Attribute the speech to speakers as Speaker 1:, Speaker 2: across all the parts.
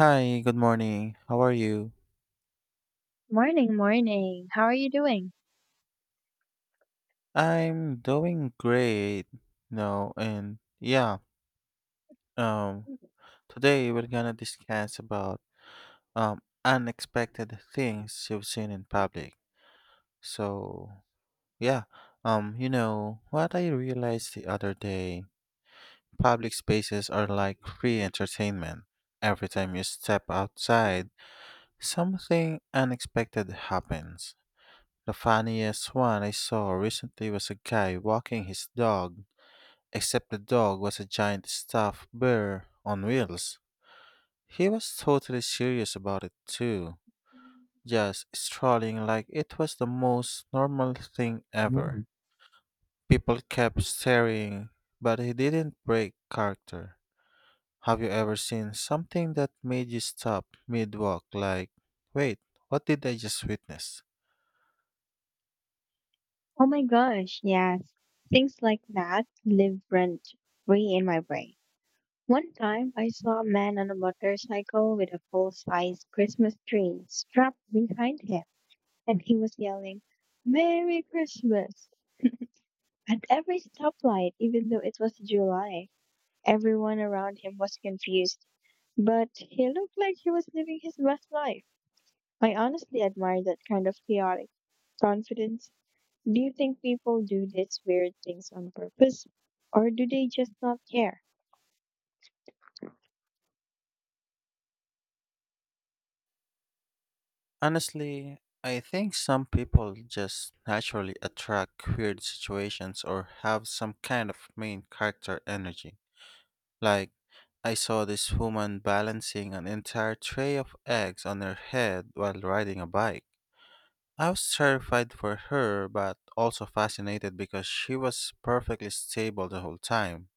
Speaker 1: Hi, good morning. How are you?
Speaker 2: Morning, morning. How are you doing?
Speaker 1: I'm doing great. No, and yeah, um, Today we're gonna discuss about unexpected things you've seen in public. So yeah, you know what I realized the other day, public spaces are like free entertainment. Every time you step outside, something unexpected happens. The funniest one I saw recently was a guy walking his dog, except the dog was a giant stuffed bear on wheels. He was totally serious about it too, just strolling like it was the most normal thing ever.
Speaker 2: Mm.
Speaker 1: People kept staring, but he didn't break character. Have you ever seen something that made you stop mid walk, like, wait, what did I just witness?
Speaker 2: Oh my gosh, yes. Things like that live rent free in my brain. One time I saw a man on a motorcycle with a full size Christmas tree strapped behind him, and he was yelling, "Merry Christmas!" at every stoplight, even though it was July. Everyone around him was confused, but he looked like he was living his best life. I honestly admire that kind of chaotic confidence. Do you think people do these weird things on purpose, or do they just not care?
Speaker 1: Honestly, I think some people just naturally attract weird situations or have some kind of main character energy. Like, I saw this woman balancing an entire tray of eggs on her head while riding a bike. I was terrified for her, but also fascinated because she was perfectly stable the whole time.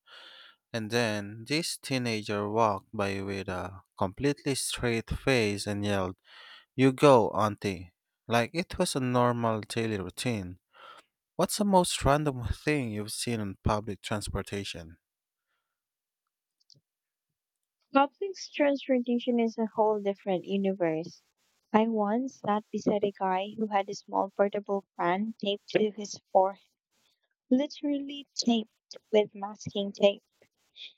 Speaker 1: And then this teenager walked by with a completely straight face and yelled, you go, auntie, like it was a normal daily routine. What's the most random thing you've seen on public transportation?
Speaker 2: Public transportation is a whole different universe. I once sat beside a guy who had a small portable fan taped to his forehead, literally taped with masking tape,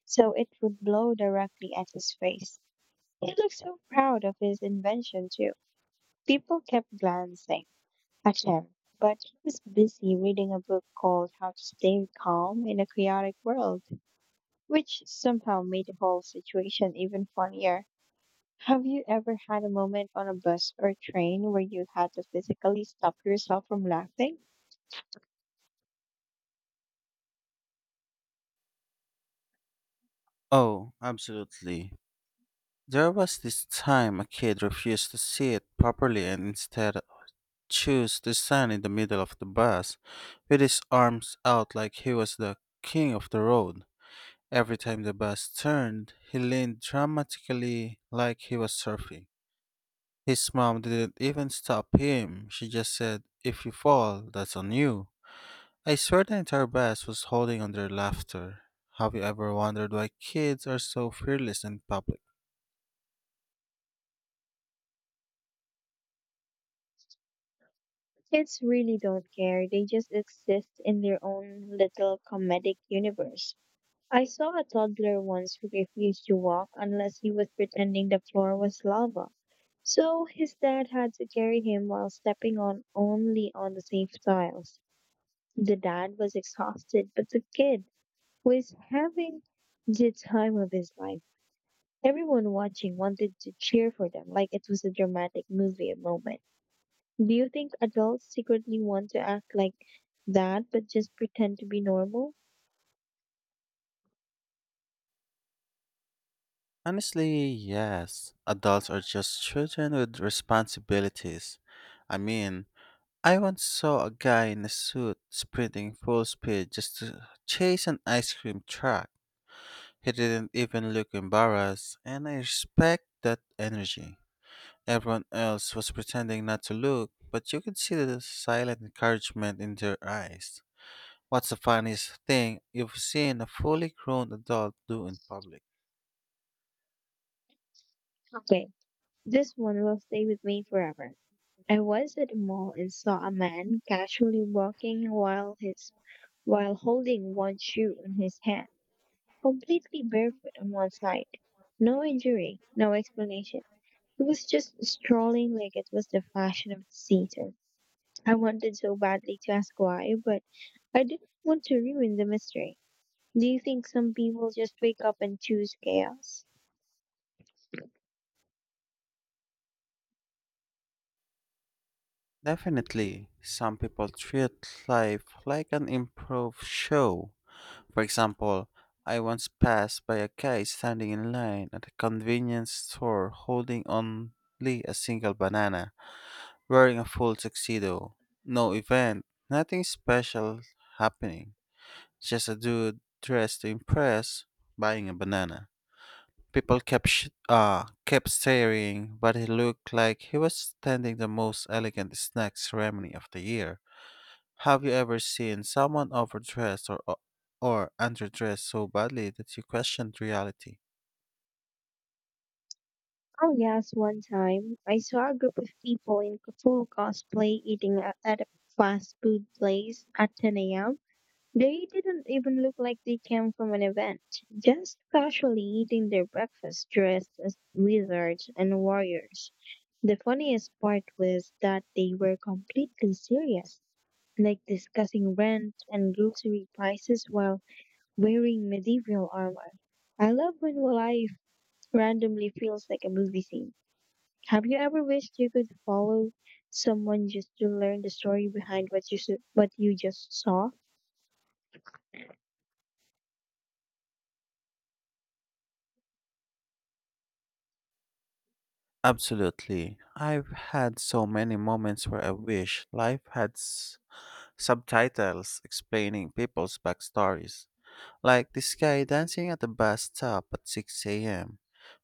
Speaker 2: so it would blow directly at his face. He looked so proud of his invention, too. People kept glancing at him, but he was busy reading a book called "How to Stay Calm in a Chaotic World," which somehow made the whole situation even funnier. Have you ever had a moment on a bus or train where you had to physically stop yourself from laughing?
Speaker 1: Oh, absolutely. There was this time a kid refused to sit properly and instead chose to stand in the middle of the bus with his arms out like he was the king of the road. Every time the bus turned, he leaned dramatically like he was surfing. His mom didn't even stop him. She just said, if you fall, that's on you. I swear the entire bus was holding on their laughter. Have you ever wondered why kids are so fearless in public?
Speaker 2: Kids really don't care, they just exist in their own little comedic universe. I saw a toddler once who refused to walk unless he was pretending the floor was lava. So his dad had to carry him while stepping on only on the safe tiles. The dad was exhausted, but the kid was having the time of his life. Everyone watching wanted to cheer for them like it was a dramatic movie moment. Do you think adults secretly want to act like that but just pretend to be normal?
Speaker 1: Honestly, yes. Adults are just children with responsibilities. I mean, I once saw a guy in a suit sprinting full speed just to chase an ice cream truck. He didn't even look embarrassed, and I respect that energy. Everyone else was pretending not to look, but you could see the silent encouragement in their eyes. What's the funniest thing you've seen a fully grown adult do in public?
Speaker 2: Okay, this one will stay with me forever. I was at a mall and saw a man casually walking while holding one shoe in his hand, completely barefoot on one side. No injury, no explanation. He was just strolling like it was the fashion of the season. I wanted so badly to ask why, but I didn't want to ruin the mystery. Do you think some people just wake up and choose chaos?
Speaker 1: Definitely, some people treat life like an improv show. For example, I once passed by a guy standing in line at a convenience store holding only a single banana, wearing a full tuxedo. No event, nothing special happening. Just a dude dressed to impress buying a banana. People kept staring, but he looked like he was attending the most elegant snack ceremony of the year. Have you ever seen someone overdressed or underdressed so badly that you questioned reality?
Speaker 2: Oh, yes, one time I saw a group of people in full cosplay eating at a fast food place at 10 a.m. They didn't even look like they came from an event, just casually eating their breakfast dressed as wizards and warriors. The funniest part was that they were completely serious, like discussing rent and grocery prices while wearing medieval armor. I love when life randomly feels like a movie scene. Have you ever wished you could follow someone just to learn the story behind what you just saw?
Speaker 1: Absolutely. I've had so many moments where I wish life had subtitles explaining people's backstories. Like this guy dancing at the bus stop at 6 a.m.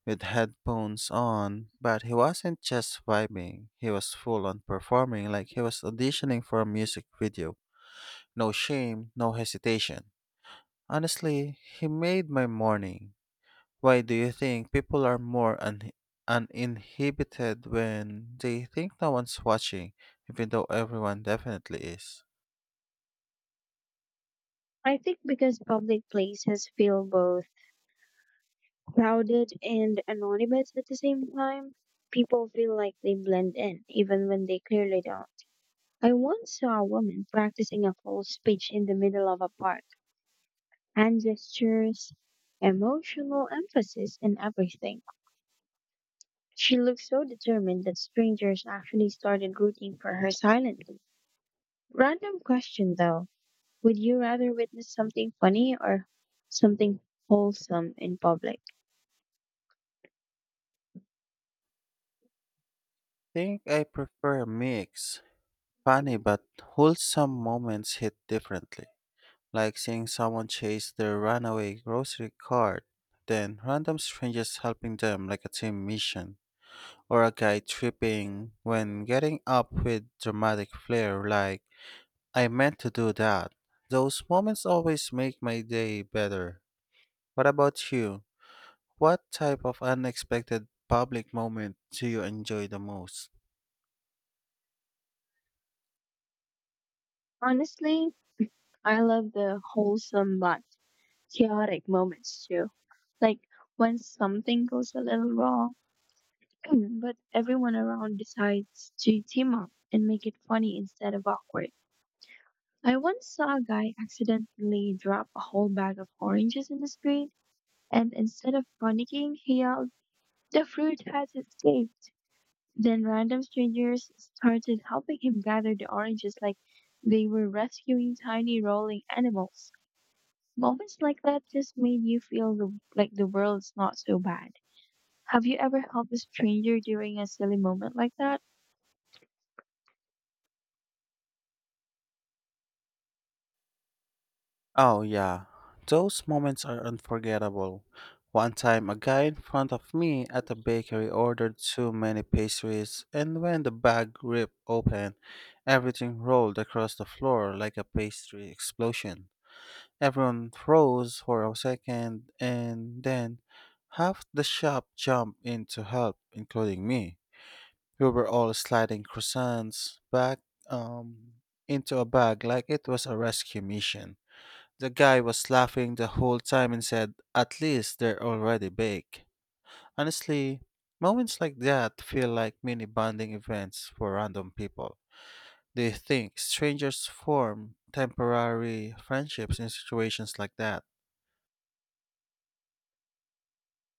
Speaker 1: with headphones on, but he wasn't just vibing, he was full on performing like he was auditioning for a music video. No shame, no hesitation. Honestly, he made my morning. Why do you think people are more uninhibited when they think no one's watching, even though everyone definitely is?
Speaker 2: I think because public places feel both crowded and anonymous at the same time, people feel like they blend in even when they clearly don't. I once saw a woman practicing a full speech in the middle of a park. Hand gestures, emotional emphasis, and everything. She looked so determined that strangers actually started rooting for her silently. Random question though. Would you rather witness something funny or something wholesome in public?
Speaker 1: Think I prefer a mix. Funny but wholesome moments hit differently, like seeing someone chase their runaway grocery cart, then random strangers helping them like a team mission, or a guy tripping when getting up with dramatic flair like, I meant to do that. Those moments always make my day better. What about you? What type of unexpected public moment do you enjoy the most?
Speaker 2: Honestly, I love the wholesome but chaotic moments too. Like when something goes a little wrong but everyone around decides to team up and make it funny instead of awkward. I once saw a guy accidentally drop a whole bag of oranges in the street, and instead of panicking, he yelled, "The fruit has escaped." Then random strangers started helping him gather the oranges like they were rescuing tiny rolling animals. Moments like that just made you feel like the world's not so bad. Have you ever helped a stranger during a silly moment like that?
Speaker 1: Oh, yeah. Those moments are unforgettable. One time, a guy in front of me at a bakery ordered too many pastries, and when the bag ripped open, everything rolled across the floor like a pastry explosion. Everyone froze for a second, and then half the shop jumped in to help, including me. We were all sliding croissants back um, into a bag like it was a rescue mission. The guy was laughing the whole time and said, at least they're already baked. Honestly, moments like that feel like mini bonding events for random people. Do you think strangers form temporary friendships in situations like that?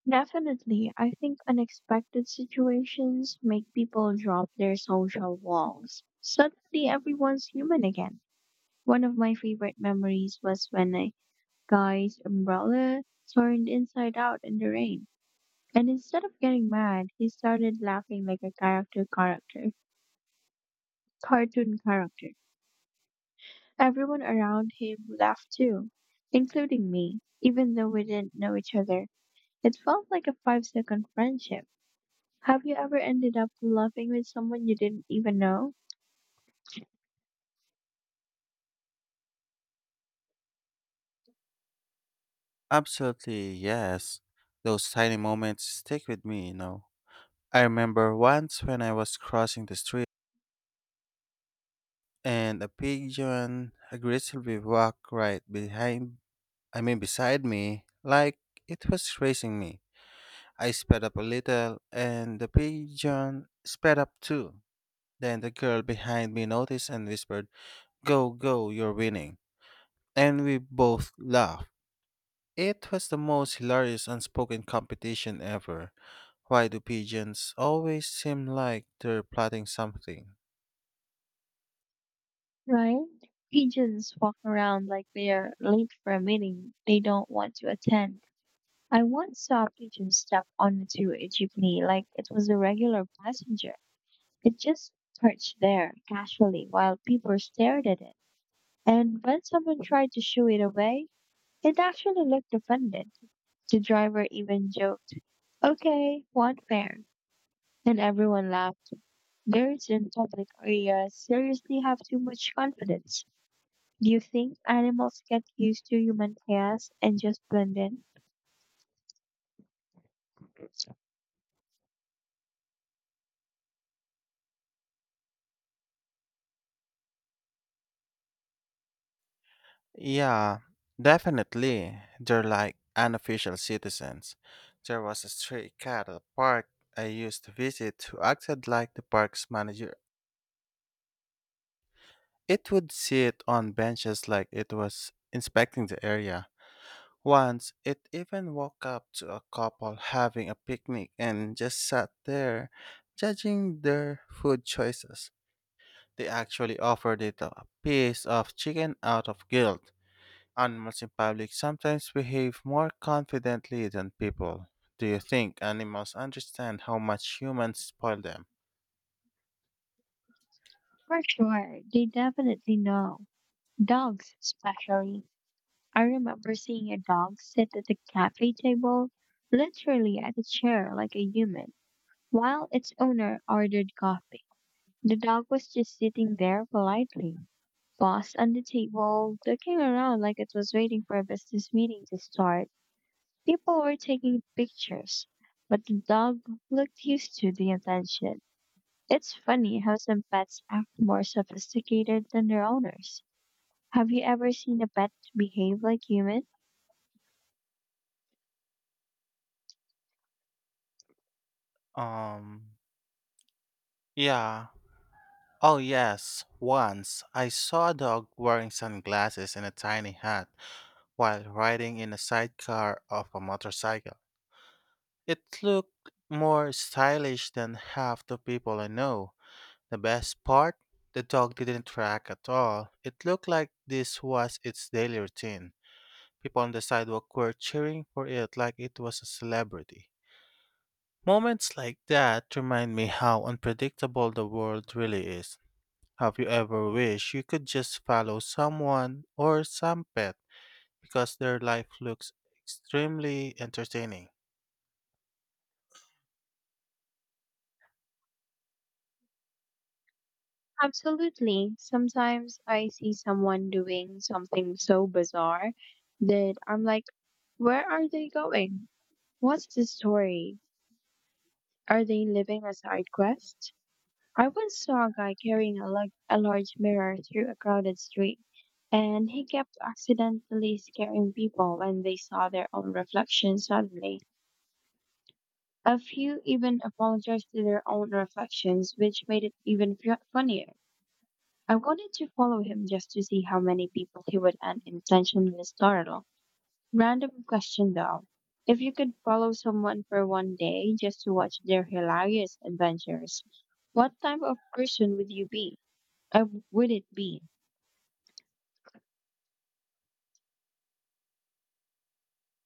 Speaker 2: Definitely, I think unexpected situations make people drop their social walls. Suddenly, everyone's human again. One of my favorite memories was when a guy's umbrella turned inside out in the rain. And instead of getting mad, he started laughing like a cartoon character. Everyone around him laughed too, including me, even though we didn't know each other. It felt like a five second friendship. Have you ever ended up laughing with someone you didn't even know?
Speaker 1: Absolutely, yes. Those tiny moments stick with me, you know. I remember once when I was crossing the street and a pigeon aggressively walked right beside me, like it was racing me. I sped up a little, and the pigeon sped up too. Then the girl behind me noticed and whispered, go, go, you're winning. And we both laughed. It was the most hilarious unspoken competition ever. Why do pigeons always seem like they're plotting something?
Speaker 2: Right? Pigeons walk around like they are late for a meeting they don't want to attend. I once saw a pigeon step onto a jeepney like it was a regular passenger. It just perched there casually while people stared at it. And when someone tried to shoo it away, it actually looked offended. The driver even joked, "Okay, one fare." And everyone laughed. Birds in public areas seriously have too much confidence. Do you think animals get used to human chaos and just blend in?
Speaker 1: Yeah, definitely. They're like unofficial citizens. There was a stray cat at a park I used to visit who acted like the park's manager. It would sit on benches like it was inspecting the area. Once, it even walked up to a couple having a picnic and just sat there, judging their food choices. They actually offered it a piece of chicken out of guilt. Animals in public sometimes behave more confidently than people. Do you think animals understand how much humans spoil them?
Speaker 2: For sure, they definitely know. Dogs, especially. I remember seeing a dog sit at the cafe table, literally at a chair like a human, while its owner ordered coffee. The dog was just sitting there politely, paws on the table, looking around like it was waiting for a business meeting to start. People were taking pictures, but the dog looked used to the attention. It's funny how some pets act more sophisticated than their owners. Have you ever seen a pet behave like human?
Speaker 1: Um, yeah. Oh, yes. Once I saw a dog wearing sunglasses and a tiny hat while riding in a sidecar of a motorcycle. It looked more stylish than half the people I know. The best part? The dog didn't track at all. It looked like this was its daily routine. People on the sidewalk were cheering for it like it was a celebrity. Moments like that remind me how unpredictable the world really is. Have you ever wished you could just follow someone or some pet because their life looks extremely entertaining?
Speaker 2: Absolutely. Sometimes I see someone doing something so bizarre that I'm like, where are they going? What's the story? Are they living a side quest? I once saw a guy carrying a large mirror through a crowded street, and he kept accidentally scaring people when they saw their own reflection suddenly. A few even apologized to their own reflections, which made it even funnier. I wanted to follow him just to see how many people he would unintentionally startle. Random question though. If you could follow someone for one day just to watch their hilarious adventures, what type of person would you be? Uh, would it be?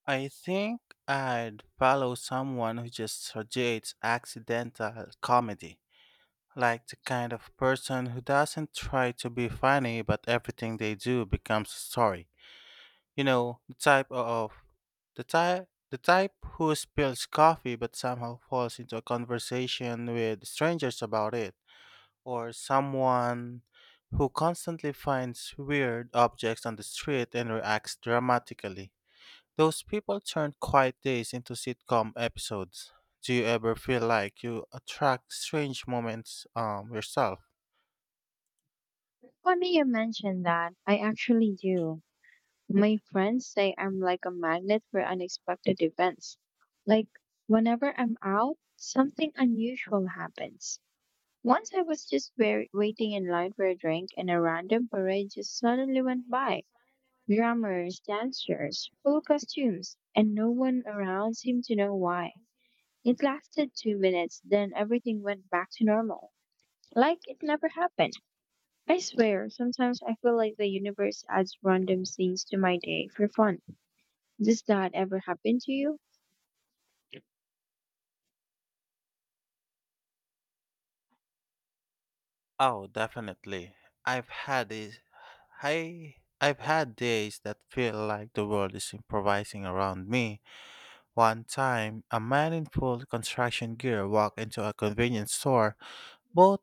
Speaker 1: I think I'd follow someone who just radiates accidental comedy, like the kind of person who doesn't try to be funny but everything they do becomes a story. You know, the type of the type who spills coffee but somehow falls into a conversation with strangers about it, or someone who constantly finds weird objects on the street and reacts dramatically. Those people turn quiet days into sitcom episodes. Do you ever feel like you attract strange moments yourself?
Speaker 2: Funny you mentioned that. I actually do. My friends say I'm like a magnet for unexpected events. Like, whenever I'm out, something unusual happens. Once I was just waiting in line for a drink, and a random parade just suddenly went by. Drummers, dancers, full costumes, and no one around seemed to know why. It lasted 2 minutes, then everything went back to normal, like it never happened. I swear, sometimes I feel like the universe adds random scenes to my day for fun. Does that ever happen to you?
Speaker 1: Oh, definitely. I've had is I I've had days that feel like the world is improvising around me. One time, a man in full construction gear walked into a convenience store, bought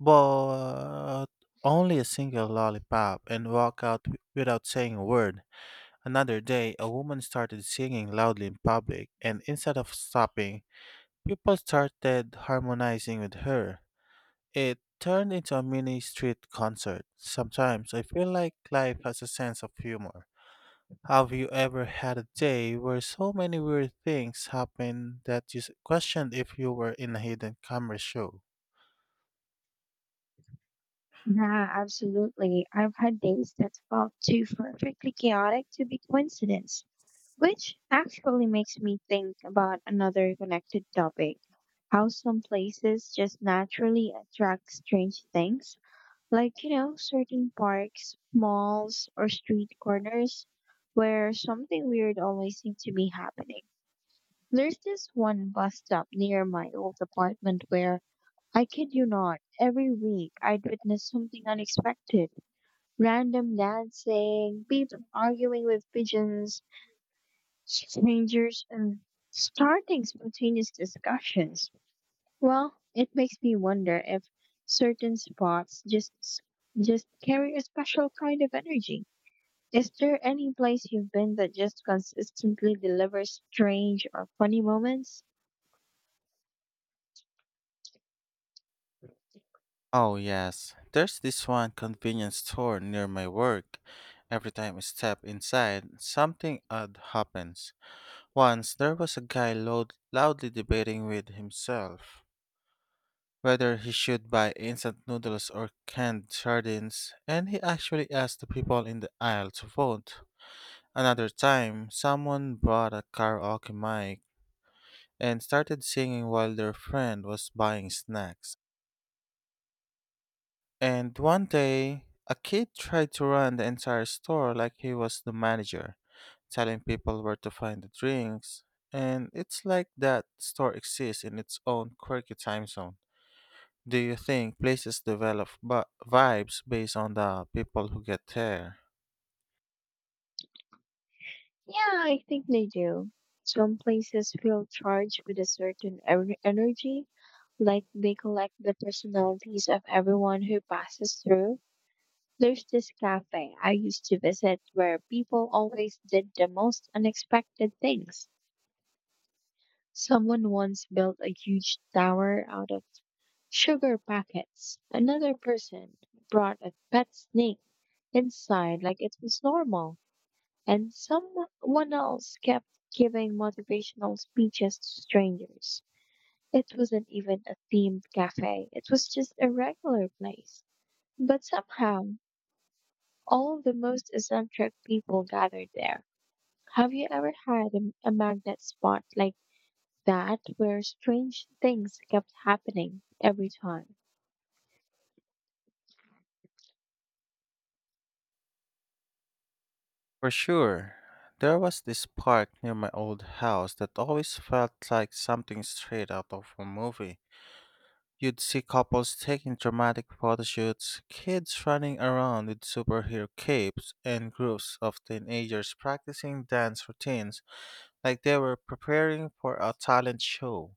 Speaker 1: bought only a single lollipop and walked out without saying a word. Another day, a woman started singing loudly in public, and instead of stopping, people started harmonizing with her. It turned into a mini street concert. Sometimes I feel like life has a sense of humor. Have you ever had a day where so many weird things happened that you questioned if you were in a hidden camera show?
Speaker 2: Yeah, absolutely. I've had days that felt too perfectly chaotic to be coincidence, which actually makes me think about another connected topic. How some places just naturally attract strange things, like, you know, certain parks, malls, or street corners where something weird always seems to be happening. There's this one bus stop near my old apartment where, I kid you not, every week I'd witness something unexpected. Random dancing, people arguing with pigeons, strangers, and starting spontaneous discussions. Well, it makes me wonder if certain spots just carry a special kind of energy. Is there any place you've been that just consistently delivers strange or funny moments?
Speaker 1: Oh, yes. There's this one convenience store near my work. Every time I step inside, something odd happens. Once there was a guy loudly debating with himself whether he should buy instant noodles or canned sardines, and he actually asked the people in the aisle to vote. Another time, someone brought a karaoke mic and started singing while their friend was buying snacks. And one day, a kid tried to run the entire store like he was the manager, telling people where to find the drinks. And it's like that store exists in its own quirky time zone. Do you think places develop vibes based on the people who get there?
Speaker 2: Yeah, I think they do. Some places feel charged with a certain energy, like they collect the personalities of everyone who passes through. There's this cafe I used to visit where people always did the most unexpected things. Someone once built a huge tower out of sugar packets. Another person brought a pet snake inside like it was normal. And someone else kept giving motivational speeches to strangers. It wasn't even a themed cafe, it was just a regular place. But somehow, all the most eccentric people gathered there. Have you ever had a magnet spot like that where strange things kept happening every time?
Speaker 1: For sure. There was this park near my old house that always felt like something straight out of a movie. You'd see couples taking dramatic photo shoots, kids running around with superhero capes, and groups of teenagers practicing dance routines like they were preparing for a talent show.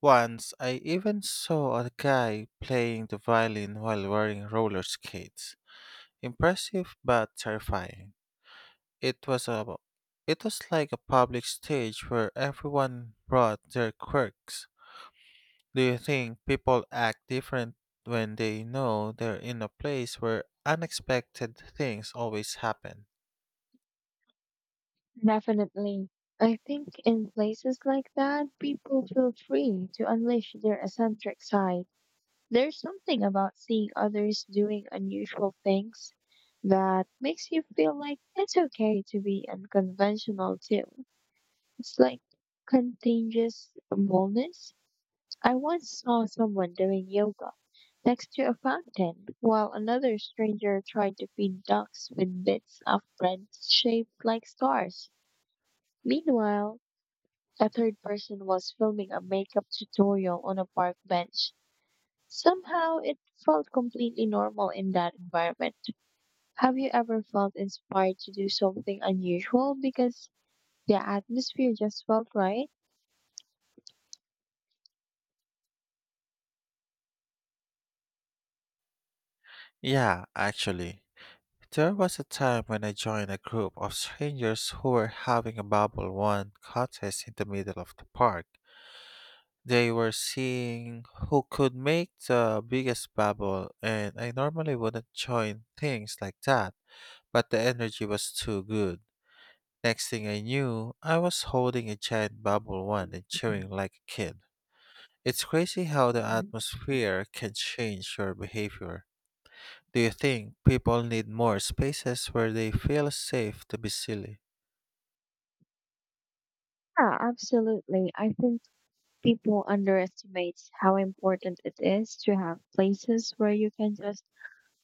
Speaker 1: Once I even saw a guy playing the violin while wearing roller skates. Impressive but terrifying. It was a it was like a public stage where everyone brought their quirks. Do you think people act different when they know they're in a place where unexpected things always happen?
Speaker 2: Definitely. I think in places like that, people feel free to unleash their eccentric side. There's something about seeing others doing unusual things that makes you feel like it's okay to be unconventional too. It's like contagious boldness. I once saw someone doing yoga next to a fountain while another stranger tried to feed ducks with bits of bread shaped like stars. Meanwhile, a third person was filming a makeup tutorial on a park bench. Somehow it felt completely normal in that environment. Have you ever felt inspired to do something unusual because the atmosphere just felt right?
Speaker 1: Yeah, actually. There was a time when I joined a group of strangers who were having a Bubble One contest in the middle of the park. They were seeing who could make the biggest bubble, and I normally wouldn't join things like that, but the energy was too good. Next thing I knew, I was holding a giant Bubble One and cheering like a kid. It's crazy how the
Speaker 2: Mhm.
Speaker 1: atmosphere can change your behavior. Do you think people need more spaces where they feel safe to be silly?
Speaker 2: Yeah, absolutely. I think people underestimate how important it is to have places where you can just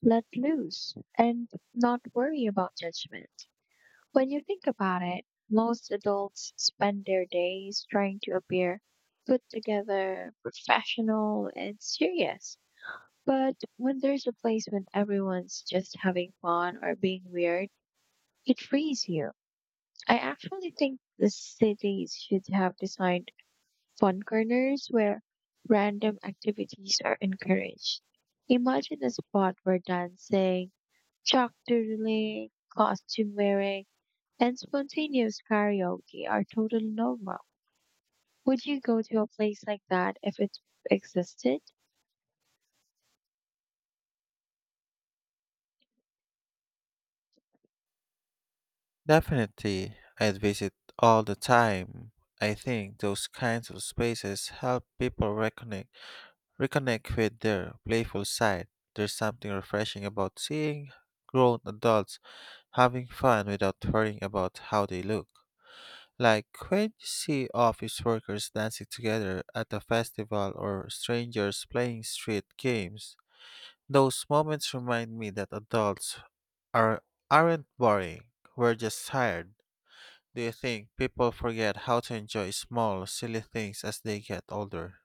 Speaker 2: let loose and not worry about judgment. When you think about it, most adults spend their days trying to appear put together, professional, and serious. But when there's a place when everyone's just having fun or being weird, it frees you. I actually think the cities should have designed fun corners where random activities are encouraged. Imagine a spot where dancing, chalk doodling, costume wearing, and spontaneous karaoke are totally normal. Would you go to a place like that if it existed?
Speaker 1: Definitely, I'd visit all the time. I think those kinds of spaces help people reconnect with their playful side. There's something refreshing about seeing grown adults having fun without worrying about how they look. Like when you see office workers dancing together at a festival or strangers playing street games, those moments remind me that adults are aren't boring. We're just tired. Do you think people forget how to enjoy small, silly things as they get older?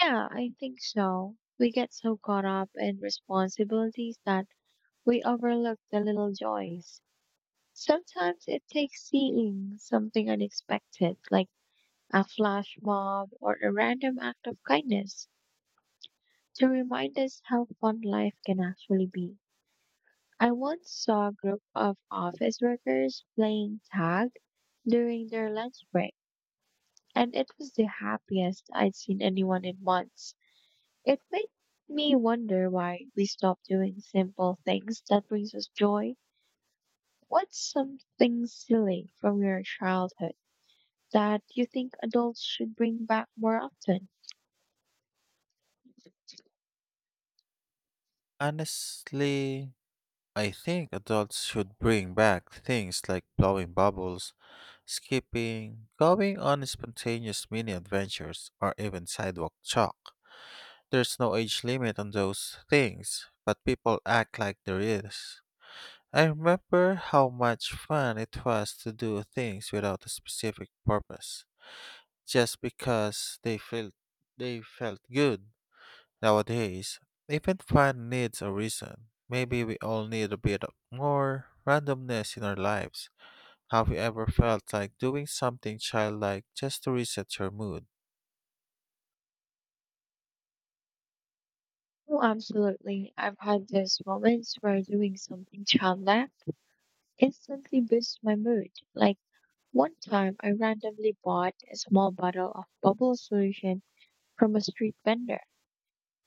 Speaker 2: Yeah, I think so. We get so caught up in responsibilities that we overlook the little joys. Sometimes it takes seeing something unexpected, like a flash mob or a random act of kindness, to remind us how fun life can actually be. I once saw a group of office workers playing tag during their lunch break, and it was the happiest I'd seen anyone in months. It made me wonder why we stop doing simple things that brings us joy. What's something silly from your childhood that you think adults should bring back more often?
Speaker 1: Honestly, I think adults should bring back things like blowing bubbles, skipping, going on spontaneous mini adventures, or even sidewalk chalk. There's no age limit on those things, but people act like there is. I remember how much fun it was to do things without a specific purpose, just because they felt good. Nowadays, even fun needs a reason. Maybe we all need a bit of more randomness in our lives. Have you ever felt like doing something childlike just to reset your mood?
Speaker 2: Oh, absolutely. I've had those moments where doing something childlike instantly boosts my mood, like one time I randomly bought a small bottle of bubble solution from a street vendor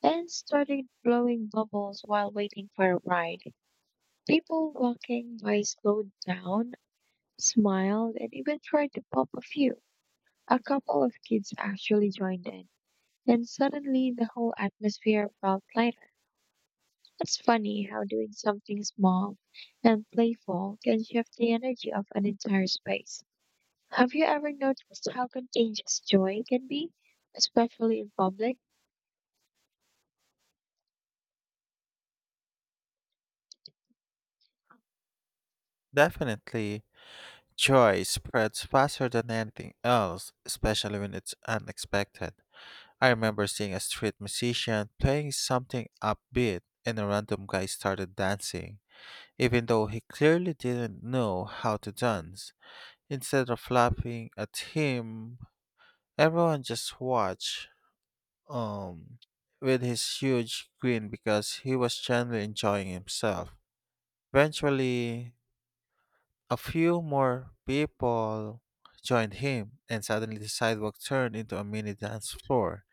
Speaker 2: and started blowing bubbles while waiting for a ride. People walking by slowed down, smiled, and even tried to pop a few. A couple of kids actually joined in, and suddenly the whole atmosphere felt lighter. It's funny how doing something small and playful can shift the energy of an entire space. Have you ever noticed how contagious joy can be, especially in public?
Speaker 1: Definitely, joy spreads faster than anything else, especially when it's unexpected. I remember seeing a street musician playing something upbeat and a random guy started dancing, even though he clearly didn't know how to dance. Instead of laughing at him, everyone just watched um with his huge grin because he was genuinely enjoying himself. Eventually, a few more people joined him and suddenly the sidewalk turned into a mini dance floor.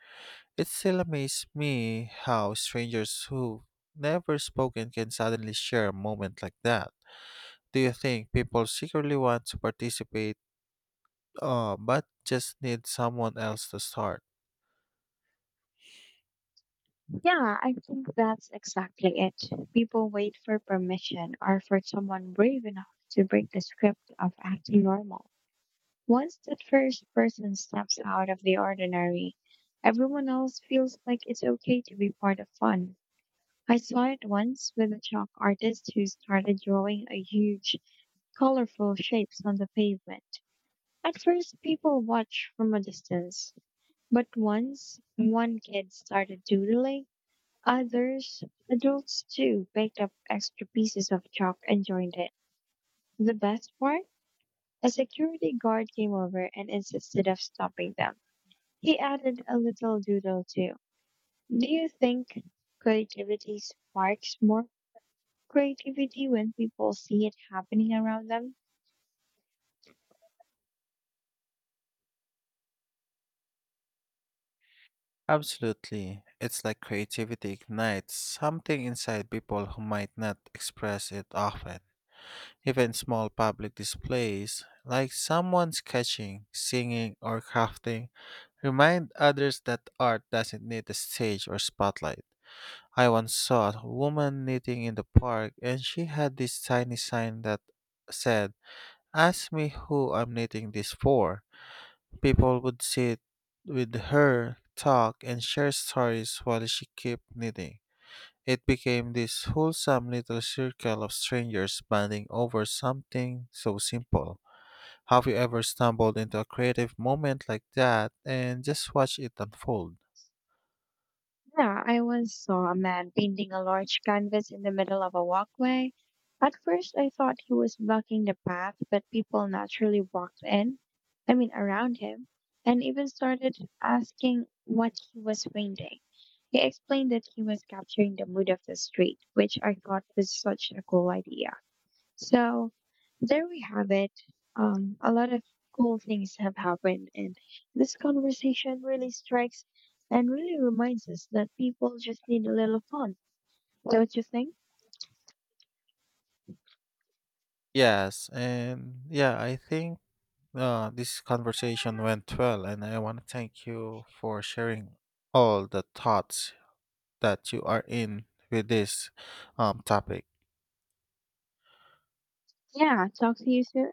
Speaker 1: It still amazes me how strangers who never spoken can suddenly share a moment like that. Do you think people secretly want to participate, but just need someone else to start?
Speaker 2: Yeah, I think that's exactly it. People wait for permission or for someone brave enough to break the script of acting normal. Once that first person steps out of the ordinary, everyone else feels like it's okay to be part of fun. I saw it once with a chalk artist who started drawing a huge, colorful shapes on the pavement. At first, people watch from a distance, but once one kid started doodling, others, adults too, picked up extra pieces of chalk and joined it. The best part? A security guard came over and insisted of stopping them. He added a little doodle too. Do you think creativity sparks more creativity when people see it happening around them?
Speaker 1: Absolutely. It's like creativity ignites something inside people who might not express it often. Even small public displays, like someone sketching, singing, or crafting, remind others that art doesn't need a stage or spotlight. I once saw a woman knitting in the park, and she had this tiny sign that said, ask me who I'm knitting this for. People would sit with her, talk, and share stories while she kept knitting. It became this wholesome little circle of strangers banding over something so simple. Have you ever stumbled into a creative moment like that and just watched it unfold?
Speaker 2: Yeah, I once saw a man painting a large canvas in the middle of a walkway. At first, I thought he was blocking the path, but people naturally walked in, I mean, around him, and even started asking what he was painting. He explained that he was capturing the mood of the street, which I thought was such a cool idea. So there we have it. A lot of cool things have happened, and this conversation really strikes and really reminds us that people just need a little fun, don't you think?
Speaker 1: Yes, and yeah, I think this conversation went well, and I want to thank you for sharing all the thoughts that you are in with this topic.
Speaker 2: Yeah, talk to you soon.